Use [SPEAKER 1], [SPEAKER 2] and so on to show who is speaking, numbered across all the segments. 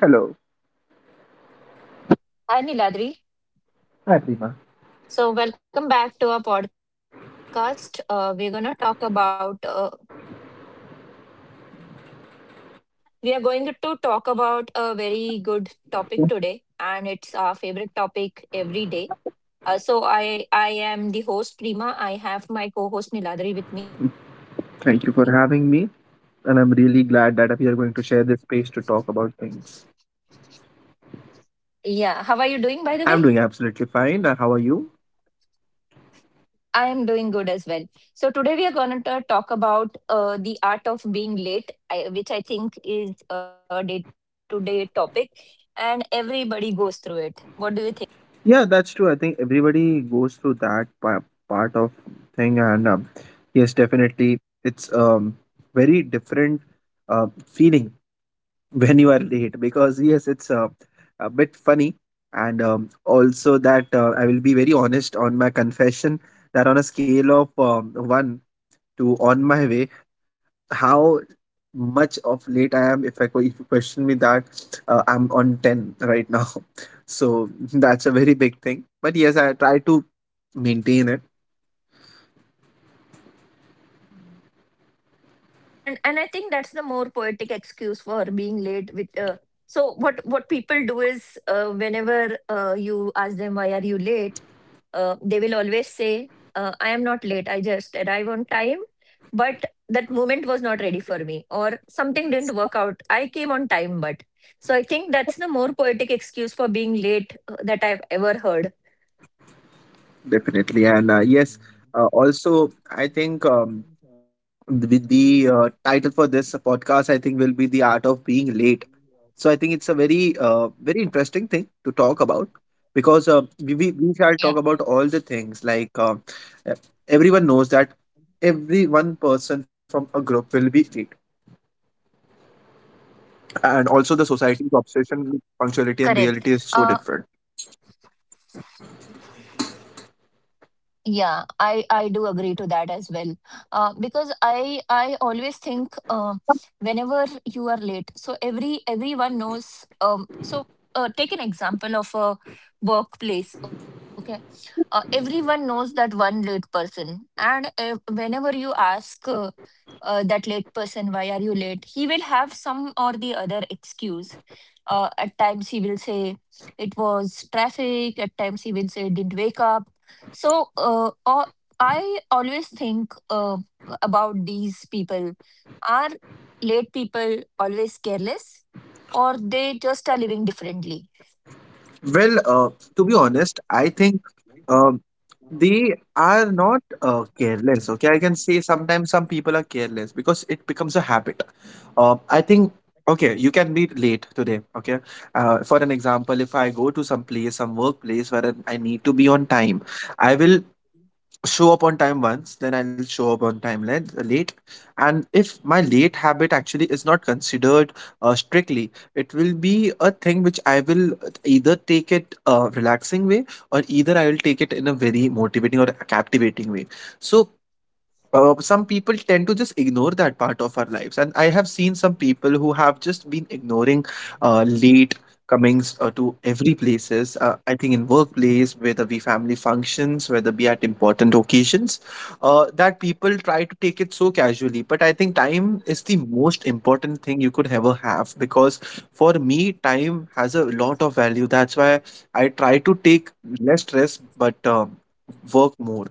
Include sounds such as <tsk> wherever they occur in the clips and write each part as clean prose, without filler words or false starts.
[SPEAKER 1] Hello.
[SPEAKER 2] Hi,
[SPEAKER 1] Hi,
[SPEAKER 2] Niladri.
[SPEAKER 1] Prima.
[SPEAKER 2] So, welcome back to our podcast. We're going to talk about, we are going to talk about a very good topic today, and it's our favorite topic every day. So, I am the host, Prima. I have my co host, Niladri, with me.
[SPEAKER 1] Thank
[SPEAKER 2] And
[SPEAKER 1] you for having
[SPEAKER 2] today's
[SPEAKER 1] me,
[SPEAKER 2] topic,
[SPEAKER 1] and
[SPEAKER 2] we
[SPEAKER 1] I'm
[SPEAKER 2] are,
[SPEAKER 1] really glad that we are going to
[SPEAKER 2] yeah,
[SPEAKER 1] share this space to talk about things.
[SPEAKER 2] yeah. How are you doing, by the way?
[SPEAKER 1] I'm doing absolutely fine. How are you?
[SPEAKER 2] I am doing good as well. So today we are going to talk about the art of being late, which I think is a day-to-day topic, and everybody goes through it. What do you think?
[SPEAKER 1] Yeah, that's true. I think everybody goes through that part of thing, and yes, definitely, it's very different feeling <laughs> when you are late because yes, it's a bit funny, and also that I will be very honest on my confession that on a scale of one to on my way how much of late I am. If if you question me that, I'm on 10 right now, <laughs> so that's a very big thing. But yes, I try to maintain it
[SPEAKER 2] And I think that's the more poetic excuse for being late. With so what people do is whenever you ask them why are you late, they will always say, I am not late, I just arrive on time. But that moment was not ready for me, or something didn't work out. I came on time, but. So I think that's the more poetic excuse for being late that I've ever heard.
[SPEAKER 1] definitely, and yes, also I think. With the title for this podcast I think will be the art of being late, so I think it's a very very interesting thing to talk about because we
[SPEAKER 2] Yeah,
[SPEAKER 1] shall talk about all the things like uh, everyone knows that every one person from a group will be late, and also the society's obsession
[SPEAKER 2] correct.
[SPEAKER 1] with
[SPEAKER 2] Uh,
[SPEAKER 1] punctuality and reality is so different.
[SPEAKER 2] Yeah, I do agree to that as well. Because I always think whenever you are late, so everyone knows. So take an example of a workplace. Okay, everyone knows that one late person, and whenever you ask that late person why are you late, he will have some or the other excuse. At times he will say it was traffic. At times he will say didn't wake up so I always think about these people. Are late people always careless or they just are living differently?
[SPEAKER 1] Well, to be honest, I think um, they are not careless. Okay, I can say sometimes some people are careless because it becomes a habit. I think okay, you can be late today. Okay, for an example, if I go to some place, some workplace where I need to be on time, I will show up on time once, then I'll show up on time late. And if my late habit actually is not considered strictly, it will be a thing which I will either take it a relaxing way or either I will take it in a very motivating or captivating way. So some people tend to just ignore that part of our lives, and I have seen some people who have just been ignoring late comings to every places. I think in workplace, whether be family functions, whether be at important occasions, that people try to take it so casually. But I think time is the most important thing you could ever have because for me time has a lot of value. That's why I try to take less stress but work more.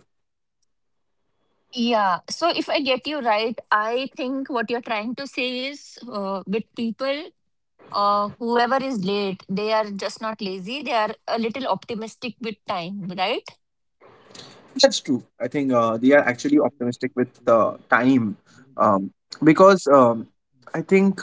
[SPEAKER 2] Yeah. So if I get you right, I think what you're trying to say is with people, whoever is late, they are just not lazy. They are a little optimistic with time, right?
[SPEAKER 1] That's true. I think they are actually optimistic with time um, because I think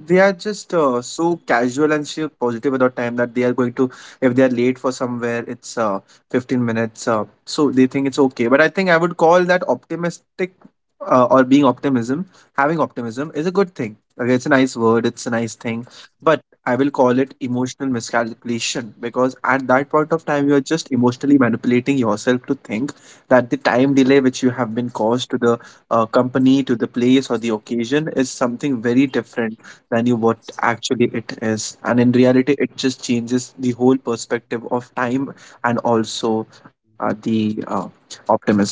[SPEAKER 1] they are just so casual and so positive about time that they are going to, if they are late for somewhere, it's 15 minutes, so they think it's okay. But I think I would call that optimistic, or being optimism. Having optimism is a good thing, okay. It's a nice word, it's a nice thing, but I will call it emotional miscalculation because at that point of time you're just emotionally manipulating yourself to think that the time delay which you have been caused to the company, to the place, or the occasion is something very different than you what actually it is. And in reality, it just changes the whole perspective of time and also the optimism.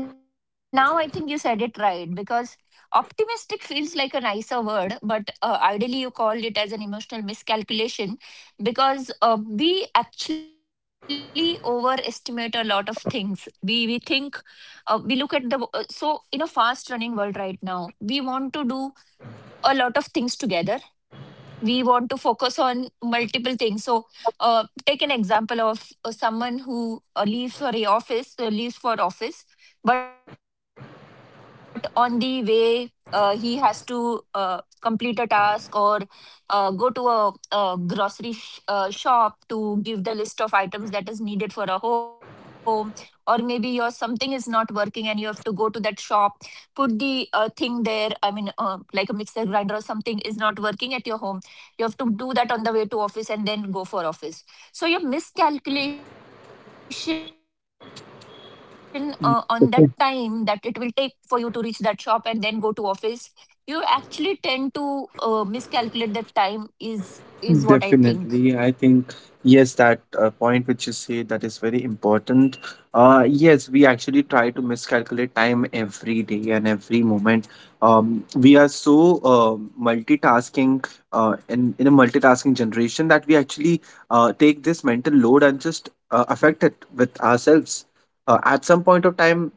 [SPEAKER 2] Yeah, and now I think you said it right because optimistic feels like a nicer word, but ideally you called it as an emotional miscalculation because we actually overestimate a lot of things. We think we look at the w- so in a fast running world right now, we want to do a lot of things together, we want to focus on multiple things. So take an example of someone who leaves for office, but on the way he has to complete a task, or go to a grocery shop to give the list of items that is needed for a home, or maybe your something is not working and you have to go to that shop, put the thing there. I mean like a mixer grinder or something is not working at your home, you have to do that on the way to office and then go for office. So your miscalculation on the time that it will take for you to reach that shop and then go to office, you actually tend to miscalculate the time is what I think.
[SPEAKER 1] Definitely. I think, yes, that point which you say that is very important. Yes, we actually try to miscalculate time every day and every moment. We are so multitasking in a multitasking generation, that we actually take this mental load and just affect it with ourselves. At some point of time,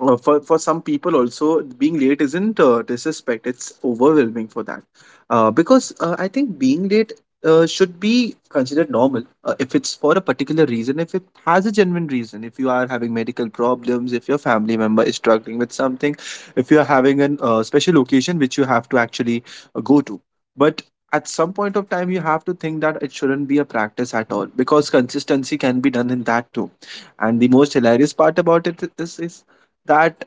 [SPEAKER 1] for some people also, being late isn't disrespect, it's overwhelming for that, because I think being late should be considered normal if it's for a particular reason, if it has a genuine reason, if you are having medical problems, if your family member is struggling with something, if you are having an special occasion which you have to actually go to. But at some point of time, you have to think that it shouldn't be a practice at all, because consistency can be done in that too. And the most hilarious part about it is that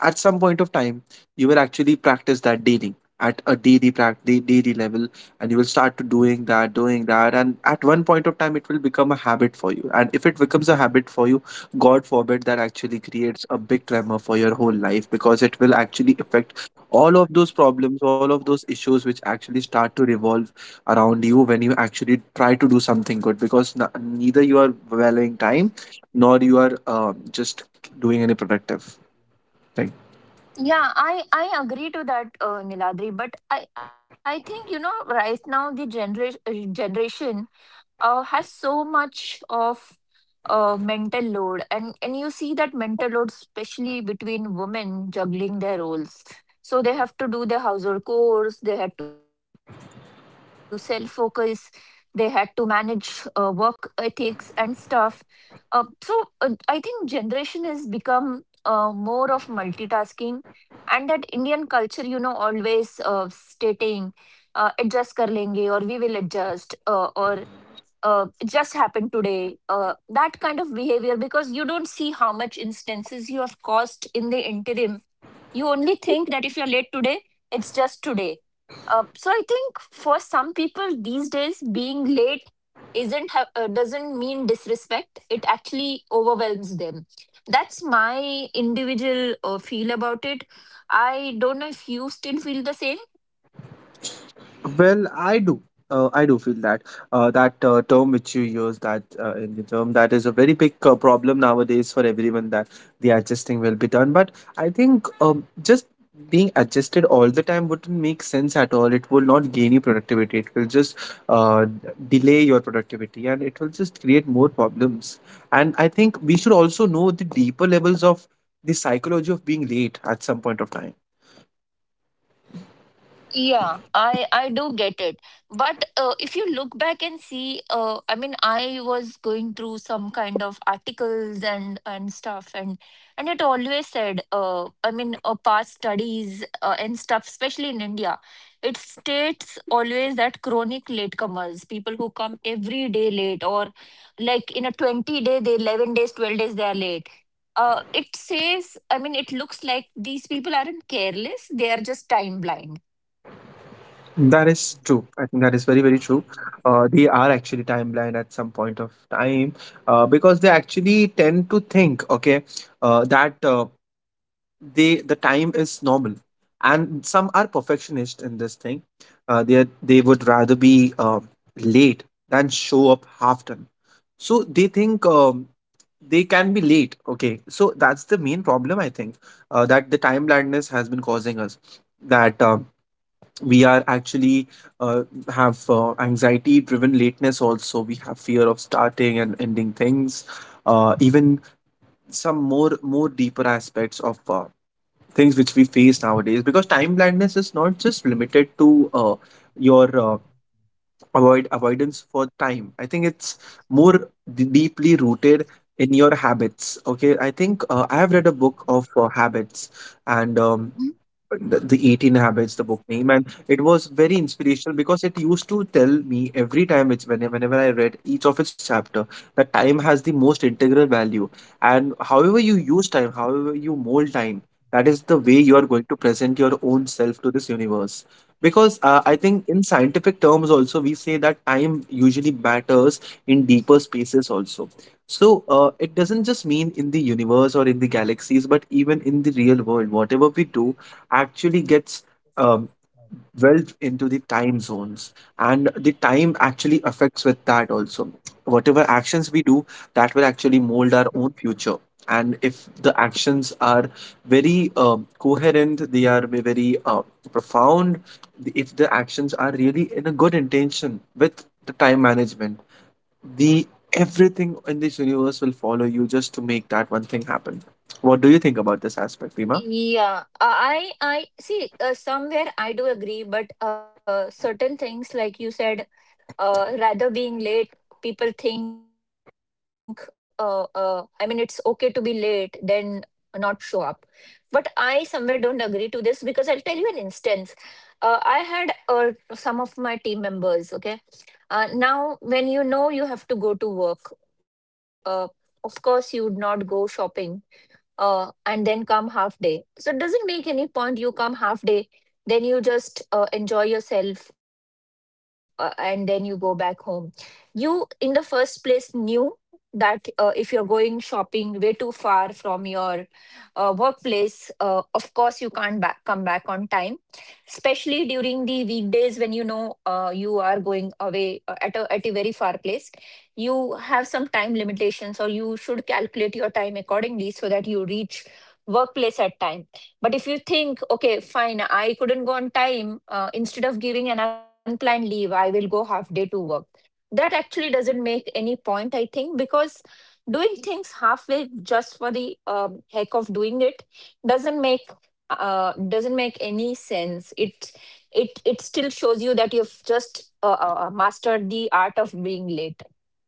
[SPEAKER 1] at some point of time you will actually practice that daily, at a daily practice daily level, and you will start to doing that and at one point of time it will become a habit for you, and if it becomes a habit for you, god forbid, that actually creates a big tremor for your whole life, because it will actually affect all of those problems, all of those issues which actually start to revolve around you when you actually try to do something good, because neither you are valuing time nor you are just doing any productive. Right.
[SPEAKER 2] Yeah, I agree to that, Niladri, but I think, you know, right now the generation has so much of mental load. And you see that mental load especially between women juggling their roles, so they have to do their household chores, they had to self focus, they had to manage work ethics and stuff. I think generation has become more of multitasking, and that Indian culture, you know, always stating adjust कर लेंगे, or we will adjust will, or it just happened today, that kind of behavior, because you don't see how much instances you have caused in the interim. You only think that if you're late today, it's just today. So I think for some people these days, being late isn't ha- doesn't mean disrespect. It actually overwhelms them. That's my individual feel about it. I don't know if you still feel the same.
[SPEAKER 1] Well, I do. I do feel that term which you use, that in the term, that is a very big problem nowadays for everyone, that the adjusting will be done. But I think just being adjusted all the time wouldn't make sense at all. It will not gain you productivity. It will just delay your productivity and it will just create more problems. And I think we should also know the deeper levels of the psychology of being late at some point of time.
[SPEAKER 2] Yeah, I do get it. But if you look back and see, I mean, I was going through some kind of articles and stuff, and it always said, I mean, past studies and stuff, especially in India, it states always that chronic latecomers, people who come every day late, or like in a 20 day, they 11 days, 12 days, they are late. It says, I mean, it looks like these people aren't careless; they are just time blind.
[SPEAKER 1] That is true. I think that is very, very true. They are actually time blind at some point of time because they actually tend to think, okay, that they the time is normal, and some are perfectionist in this thing. They would rather be late than show up half done. So they think they can be late. Okay, so that's the main problem I think that the time blindness has been causing us. That we are actually uh, have anxiety driven lateness, also we have fear of starting and ending things, even some more deeper aspects of things which we face nowadays, because time blindness is not just limited to your avoidance for time. I think it's more deeply rooted in your habits. Okay, I think I have read a book of habits, and the 18 habits the book name, and it was very inspirational because it used to tell me every time it's whenever I read each of its chapter that time has the most integral value, and however you use time, however you mold time, that is the way you are going to present your own self to this universe. Because I think in scientific terms also we say that time usually matters in deeper spaces also. So it doesn't just mean in the universe or in the galaxies, but even in the real world. Whatever we do actually gets um, dwelt into the time zones, and the time actually affects with that also. Whatever actions we do, that will actually mold our own future. And if the actions are very coherent, they are very profound, if the actions are really in a good intention with the time management, the everything in this universe will follow you just to make that one thing happen. What do you think about this aspect, Prima?
[SPEAKER 2] Yeah, I see somewhere I do agree, but certain things like you said, rather being late, people think I mean it's okay to be late than not show up. But I somewhere don't agree to this because I'll tell you an instance. I had some of my team members, okay. Now, when you know you have to go to work, uh, of course you would not go shopping and then come half day. So it doesn't make any point. You come half day, then you just enjoy yourself, and then you go back home. You, in the first place, knew that if you're going shopping way too far from your workplace, of course, you can't come back on time, especially during the weekdays when you know you are going away at a very far place. You have some time limitations, or you should calculate your time accordingly so that you reach workplace at time. But if you think okay, fine, I couldn't go on time, instead of giving an unplanned leave I will go half day to work, that actually doesn't make any point, I think, because doing things halfway just for the heck of doing it doesn't make doesn't make any sense. It still shows you that you've just mastered the art of being late.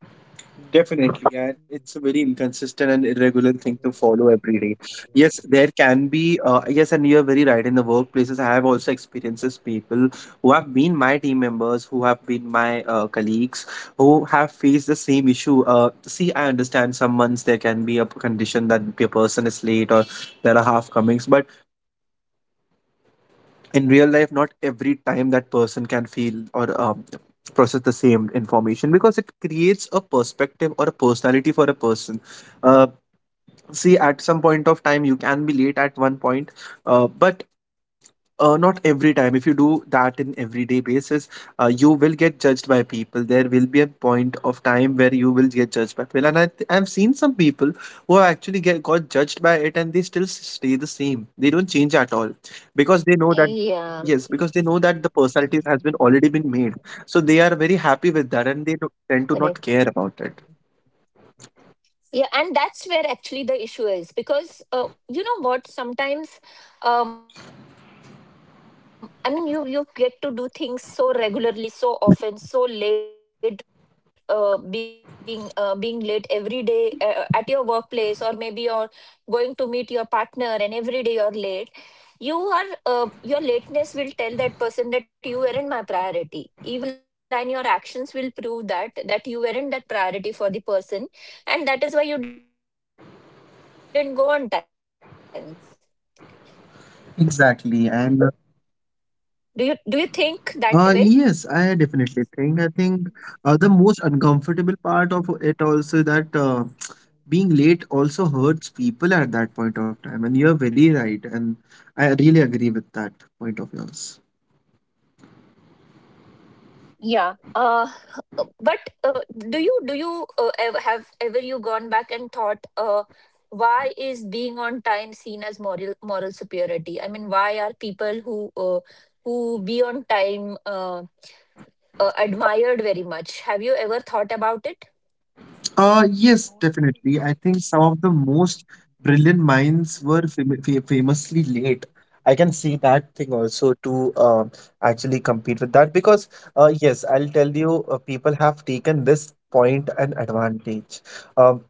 [SPEAKER 1] Definitely, and it's a very inconsistent and irregular thing to follow every day. Yes, there can be, yes, and you're very right. In the workplaces, I have also experiences people who have been my team members, who have been my colleagues, who have faced the same issue. See, I understand some months there can be a condition that a person is late, or there are half comings, but in real life not every time that person can feel or process the same information, because it creates a perspective or a personality for a person. uh, See, at some point of time you can be late at one point, but not every time. If you do that in everyday basis, you will get judged by people. There will be a point of time where you will get judged by people, and I've seen some people who have actually get got judged by it, and they still stay the same, they don't change at all, because they know that, yes, because they know that the personalities has been already been
[SPEAKER 2] Yeah,
[SPEAKER 1] made, so they are very happy with that, and they tend to not care about it.
[SPEAKER 2] correct. Yeah, and that's where actually the issue is, because you know what? Sometimes, I mean, you get to do things so regularly, so often, so late, being late every day at your workplace, or maybe you're going to meet your partner, and every day you're late. Your lateness will tell that person that you weren't my priority, even if your intention wasn't that. You will still somewhere down the line your actions will prove that you weren't that priority for the person, and that is why you didn't go on time.
[SPEAKER 1] Exactly. And uh,
[SPEAKER 2] do you
[SPEAKER 1] yes,
[SPEAKER 2] do
[SPEAKER 1] I
[SPEAKER 2] you
[SPEAKER 1] definitely
[SPEAKER 2] think
[SPEAKER 1] think.
[SPEAKER 2] that
[SPEAKER 1] I
[SPEAKER 2] way?
[SPEAKER 1] think the most uncomfortable part of it also, that <tsk> being late also hurts people at that point of time, and you're very right, and I really agree with that point of yours.
[SPEAKER 2] Yeah. uh but uh, do you ever have ever you gone back and thought why is being on time seen as moral superiority? I mean, why are people who uh, who be on time admired very much?
[SPEAKER 1] Yes,
[SPEAKER 2] Have you ever
[SPEAKER 1] definitely. I
[SPEAKER 2] thought
[SPEAKER 1] think
[SPEAKER 2] about
[SPEAKER 1] some
[SPEAKER 2] it?
[SPEAKER 1] of the most brilliant minds were famously late. I can see that thing also to actually compete with that because, yes, I'll tell you, people have taken this point an advantage. Um,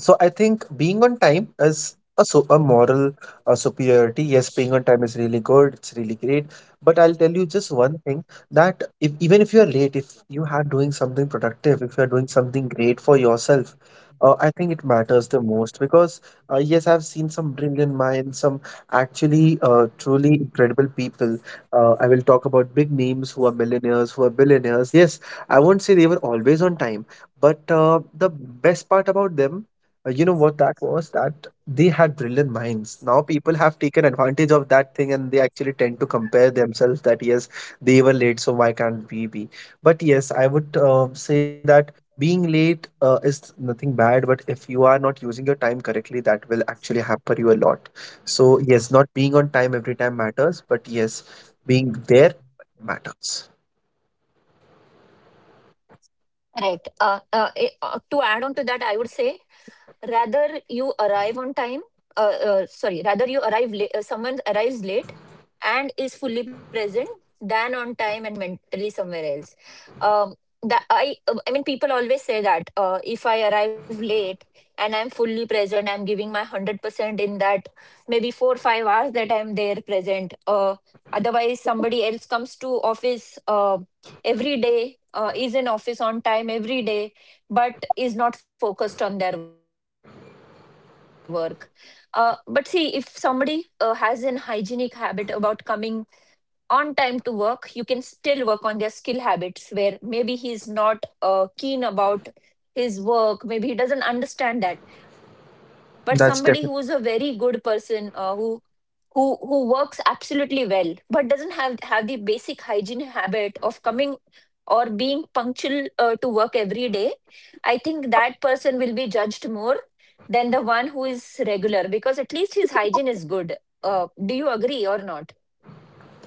[SPEAKER 1] So I think being on time is a moral superiority. Yes, being on time is really good. It's really great. But I'll tell you just one thing that if even if you're late, if you are doing something productive, if you're doing something great for yourself, I think it matters the most because yes, I've seen some brilliant minds, some actually truly incredible people. I will talk about big names who are millionaires, who are billionaires. Yes, I won't say they were always on time, but the best part about them, you know what that was? That they had brilliant minds. Now people have taken advantage of that thing, and they actually tend to compare themselves that, yes, they were late, so why can't we be? But yes, I would say that being late is nothing bad, but if you are not using your time correctly, that will actually hamper you a lot. So, yes, not being on time every time matters, but yes, being there matters.
[SPEAKER 2] Right. To add on to that, I would say rather you arrive on time uh, rather you arrive late, someone arrives late and is fully present than on time and mentally somewhere else. Um that I I mean, people always say that if I arrive late and I'm fully present, I'm giving my 100% in that maybe 4 or 5 hours that I'm there present. Otherwise somebody else comes to office, every day is in office on time every day but is not focused on their work. But see, if somebody has an hygienic habit about coming on time to work, you can still work on their skill habits where maybe he's not keen about his work, maybe he doesn't understand that. But somebody who's a
[SPEAKER 1] That's
[SPEAKER 2] very good
[SPEAKER 1] definitely.
[SPEAKER 2] person, who works absolutely well but doesn't have the basic hygiene habit of coming or being punctual to work every day, I think that person will be judged more than the one who is regular because at least his hygiene is good. Do you agree or not?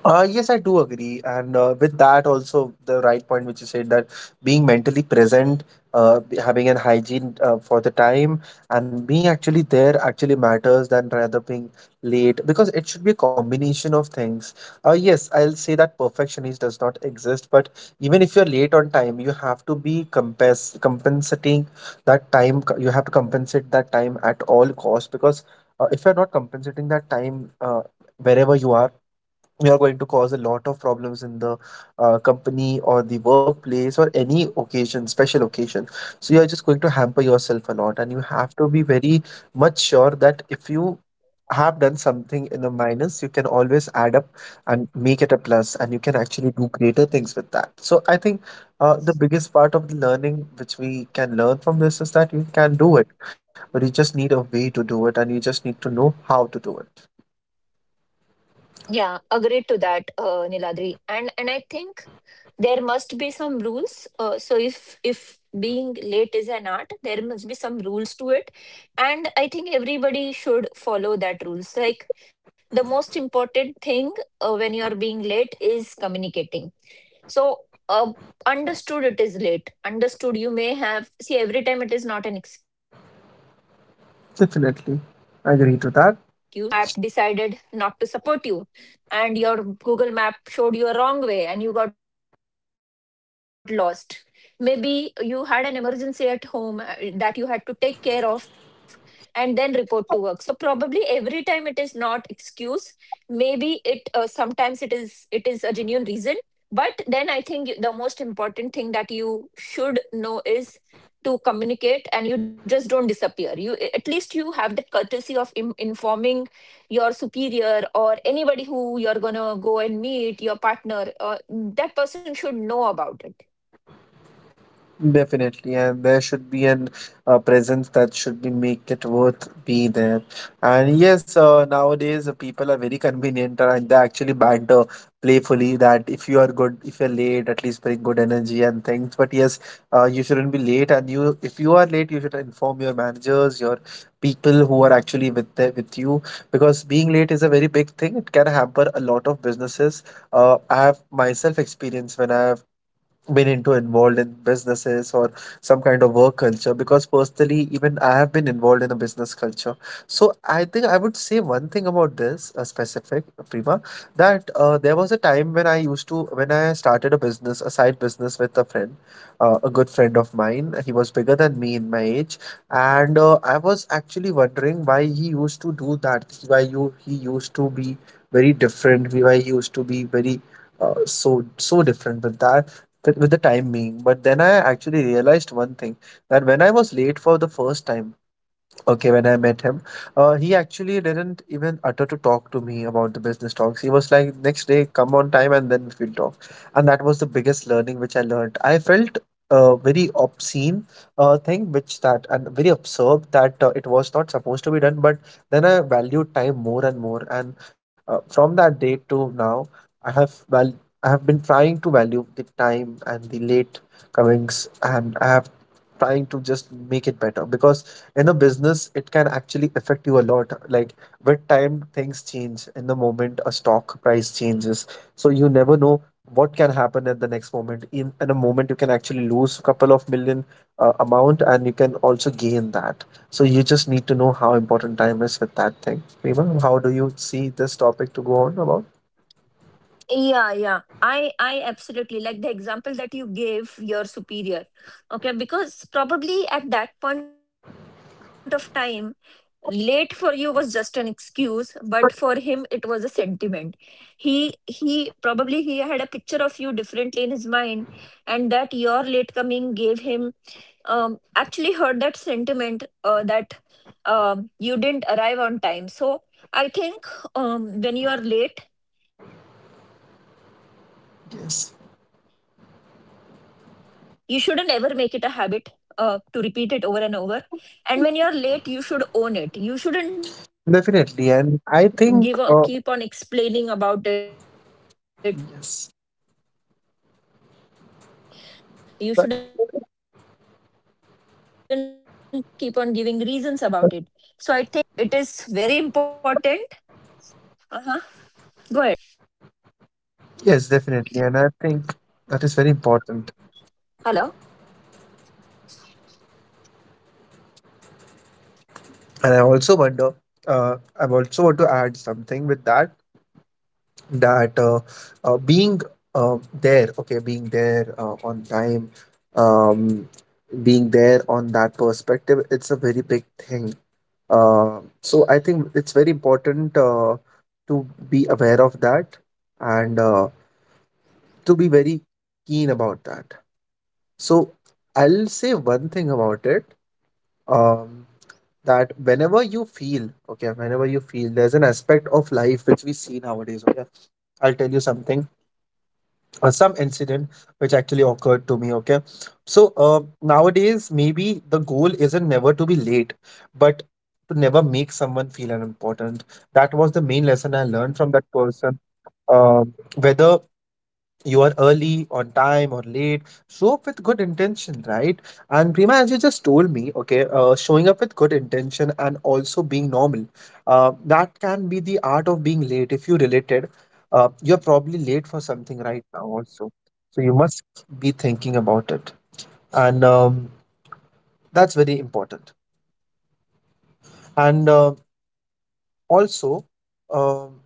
[SPEAKER 1] Yes, I do agree. And with that, also the right point which you said, that being mentally present, having an hygiene for the time, and being actually there actually matters than rather being late, because it should be a combination of things. Yes, I'll say that perfectionist does not exist, but even if you're late on time, you have to be compensating that time. You have to compensate that time at all costs, because. If you're not compensating that time, wherever you are, we are going to cause a lot of problems in the company or the workplace or any occasion, special occasion. So you are just going to hamper yourself a lot, and you have to be very much sure that if you have done something in a minus, you can always add up and make it a plus, and you can actually do greater things with that. So I think the biggest part of the learning which we can learn from this is that you can do it, but you just need a way to do it, and you just need to know how to do it.
[SPEAKER 2] Yeah, agreed to that, Niladri. And I think there must be some rules. So if being late is an art, there must be some rules to it. And I think everybody should follow that rules. Like the most important thing when you're being late is communicating. So uh, understood it is late. Understood, you may have see every time it is not an excuse. We do understand that. Maybe
[SPEAKER 1] Definitely,
[SPEAKER 2] your
[SPEAKER 1] I
[SPEAKER 2] Google
[SPEAKER 1] agree to that.
[SPEAKER 2] Google Map decided not to support you, and your Google Map showed you a wrong way, and you got lost. Maybe you had an emergency at home that you had to take care of, and then report to work. So probably every time it is not excuse. Maybe it sometimes it is a genuine reason. But then I think the most important thing that you should know is to communicate, and you just don't disappear. You at least you have that courtesy of informing your superior, or anybody who you're going to go and meet, your partner, that person should know about it.
[SPEAKER 1] Definitely, and there should be an presence that should be make it worth be there. And yes, nowadays people are very convenient and they actually banter playfully that if you are good, if you're late, at least bring good energy and things. But yes, you shouldn't be late, and you, if you are late, you should inform your managers, your people who are actually with you, because being late is a very big thing. It can hamper a lot of businesses. I have myself experienced when I have been into involved in businesses or some kind of work culture, because personally even I have been involved in a business culture. So I think I would say one thing about this specific, Prima, that there was a time when I used to when I started a side business with a friend, a good friend of mine. He was bigger than me in my age, and I was actually wondering why he used to do that, why you he used to be very different, why he used to be very so different with the time being. But then I actually realized one thing, that when I was late for the first time, okay, when I met him, he actually didn't even utter to talk to me about the business talks. He was like, next day, come on time, and then we'll talk. And that was the biggest learning which I learned. I felt a very obscene thing, which that, and very absurd, that it was not supposed to be done. But then I valued time more and more. And from that day to now, I have, well, I have been trying to value the time and the late Cummings, and I have trying to just make it better, because in a business it can actually affect you a lot. Like with time, things change. In the moment, a stock price changes, so you never know what can happen at the next moment. In a moment, you can actually lose a couple of million amount, and you can also gain that. So you just need to know how important time is with that thing. Prima, how do you see this topic to go on about?
[SPEAKER 2] Yeah, yeah. I absolutely like the example that you gave. Your superior. Okay, because probably at that point of time, late for you was just an excuse, but for him it was a sentiment. He probably he had a picture of you differently in his mind, and that your late coming gave him actually heard that sentiment, that you didn't arrive on time. So I think when you are late you shouldn't ever make it a habit to
[SPEAKER 1] Yes,
[SPEAKER 2] repeat it over and over. And when you're late you should own it, you shouldn't give a keep on explaining about it, you shouldn't keep on giving reasons about it. So I
[SPEAKER 1] definitely,
[SPEAKER 2] think
[SPEAKER 1] and
[SPEAKER 2] it
[SPEAKER 1] I
[SPEAKER 2] is
[SPEAKER 1] think.
[SPEAKER 2] very important. Uh-huh. Go ahead.
[SPEAKER 1] Yes.
[SPEAKER 2] Go ahead, Niladri. Go ahead, Niladri.
[SPEAKER 1] Yes, definitely, and
[SPEAKER 2] Hello.
[SPEAKER 1] I think that is very important.
[SPEAKER 2] Uh-huh. Yeah. Yeah,
[SPEAKER 1] And I also wonder,
[SPEAKER 2] you should be
[SPEAKER 1] I also want
[SPEAKER 2] respecting
[SPEAKER 1] to add
[SPEAKER 2] people's times.
[SPEAKER 1] something with that, that being there, okay, being there on time, um, being there on that
[SPEAKER 2] अरे
[SPEAKER 1] perspective, it's a very big
[SPEAKER 2] यार,
[SPEAKER 1] thing.
[SPEAKER 2] नेटला काय
[SPEAKER 1] So I
[SPEAKER 2] झालंय
[SPEAKER 1] think it's
[SPEAKER 2] यार,
[SPEAKER 1] very important to be aware of that, and
[SPEAKER 2] wifi सारखं जात आहे
[SPEAKER 1] to be
[SPEAKER 2] यार,
[SPEAKER 1] very keen about
[SPEAKER 2] wifi
[SPEAKER 1] that.
[SPEAKER 2] Way
[SPEAKER 1] So I'll say one thing about it. Um, that whenever you feel, okay, whenever you feel there's an aspect of life which we see nowadays, okay, I'll tell you something, or some incident which actually occurred to me, okay. So nowadays maybe the goal isn't never to be late, but to never make someone feel unimportant. That was the main lesson I learned from that person. uh, Whether you are early, on time, or late, show up with good intention, right? And Prima, as you just told me, okay, showing up with good intention, and also being normal, that can be the art of being late if you related. You're probably late for something right now also, so you must be thinking about it. And that's very important. And also, um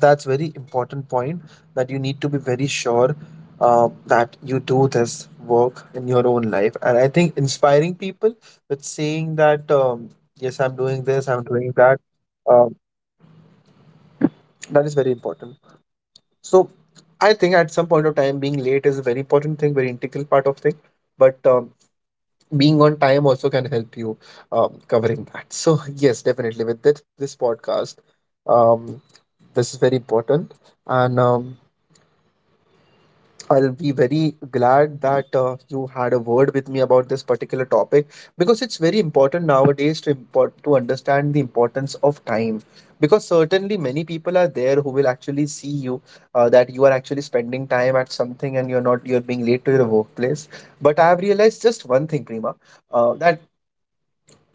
[SPEAKER 1] that's very important point, that you need to be very sure that you do this work in your own life. And I think inspiring people with saying that, yes, I'm doing this, I'm doing that, um, that is very important. So I think at some point of time being late is a very important thing, very integral part of thing, but being on time also can help you covering that. So yes, definitely, with this podcast, um, this is very important. And I'll be very glad that you had a word with me about this particular topic, because it's very important nowadays to understand the importance of time. Because certainly many people are there who will actually see you, that you are actually spending time at something, and you're not, you're being late to your workplace. But I have realized just one thing, Prima, that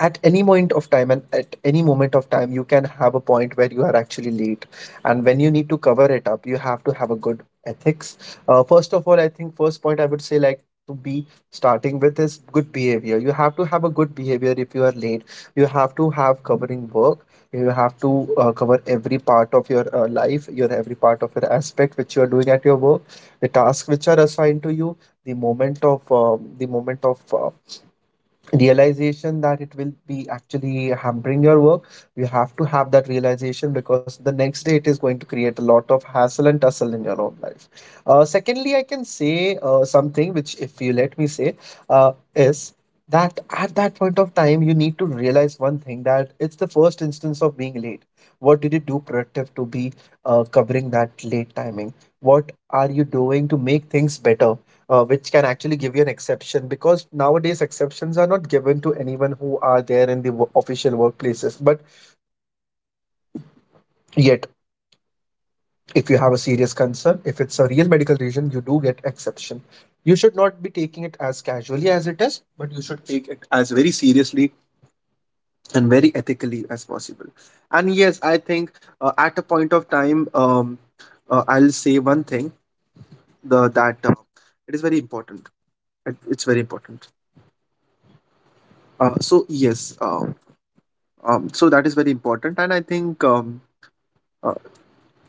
[SPEAKER 1] at any point of time and at any moment of time, you can have a point where you are actually late, and when you need to cover it up, you have to have a good ethics. First of all, I think first point I would say, like to be starting with, is good behavior. You have to have a good behavior. If you are late, you have to have covering work. You have to cover every part of your life, your every part of your aspect which you are doing at your work, the tasks which are assigned to you, the moment of realization that it will be actually hampering your work. You have to have that realization, because the next day it is going to create a lot of hassle and tussle in your own life. Secondly, I can say something, which, if you let me say, is that at that point of time you need to realize one thing, that it's the first instance of being late. What did you do productive to be covering that late timing? What are you doing to make things better, which can actually give you an exception? Because nowadays exceptions are not given to anyone who are there in the official workplaces, but yet if you have a serious concern, if it's a real medical reason, you do get exception. You should not be taking it as casually as it is, but you should take it as very seriously and very ethically as possible. And yes, I think at a point of time, I'll say one thing, that it is very important. It's very important. So yes, so that is very important, and I think, uh,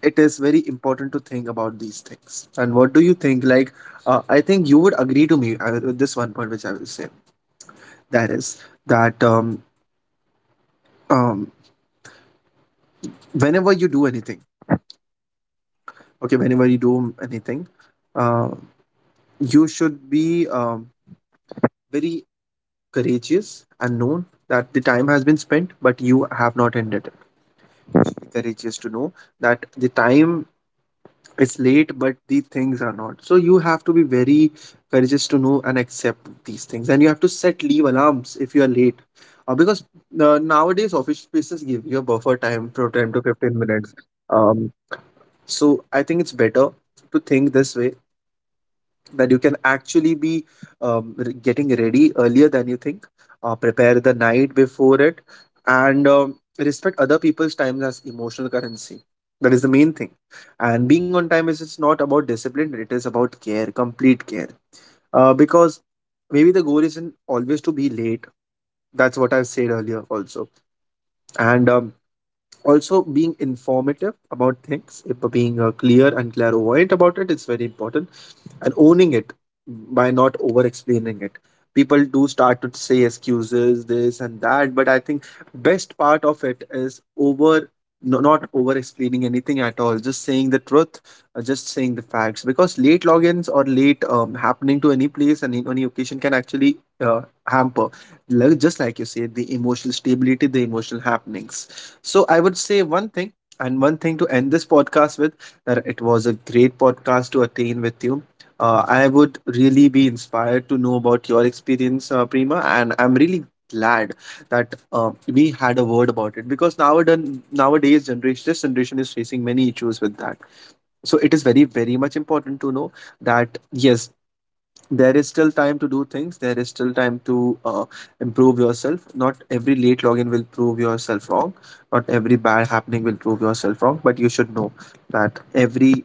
[SPEAKER 1] it is very important to think about these things. And what do you think? Like, I think you would agree to me with this one point, which I will say. That is that, um, whenever you do anything, okay, whenever you do anything, uh, you should be very courageous, and know that the time has been spent, but you have not ended it. Be courageous to know that the time, it's late, but the things are not. So you have to be very courageous to know and accept these things, and you have to set leave alarms if you are late, because nowadays office spaces give you a buffer time for 10 to 15 minutes. um, so I think it's better to think this way, that you can actually be getting ready earlier than you think. Prepare the night before it, and respect other people's time as emotional currency. That is the main thing. And being on time is, it's not about discipline, it is about care, complete care. Because maybe the goal isn't always to be late. That's what I've said earlier also. And also being informative about things, if being clear and clairvoyant about it, is very important. And owning it, by not over explaining it. People do start to say excuses this and that, but I think best part of it is over. No, not over explaining anything at all, just saying the truth, just saying the facts, because late logins, or late happening to any place and in any occasion, can actually hamper, like, just like you said, the emotional stability, the emotional happenings. So I would say one thing, and one thing to end this podcast with, that it was a great podcast to attain with you. I would really be inspired to know about your experience, Prima, and I'm really glad that we had a word about it, because nowadays generation, this generation is facing many issues with that. So it is very, very much important to know that yes, there is still time to do things. There is still time to improve yourself. Not every late login will prove yourself wrong. Not every bad happening will prove yourself wrong. But you should know that every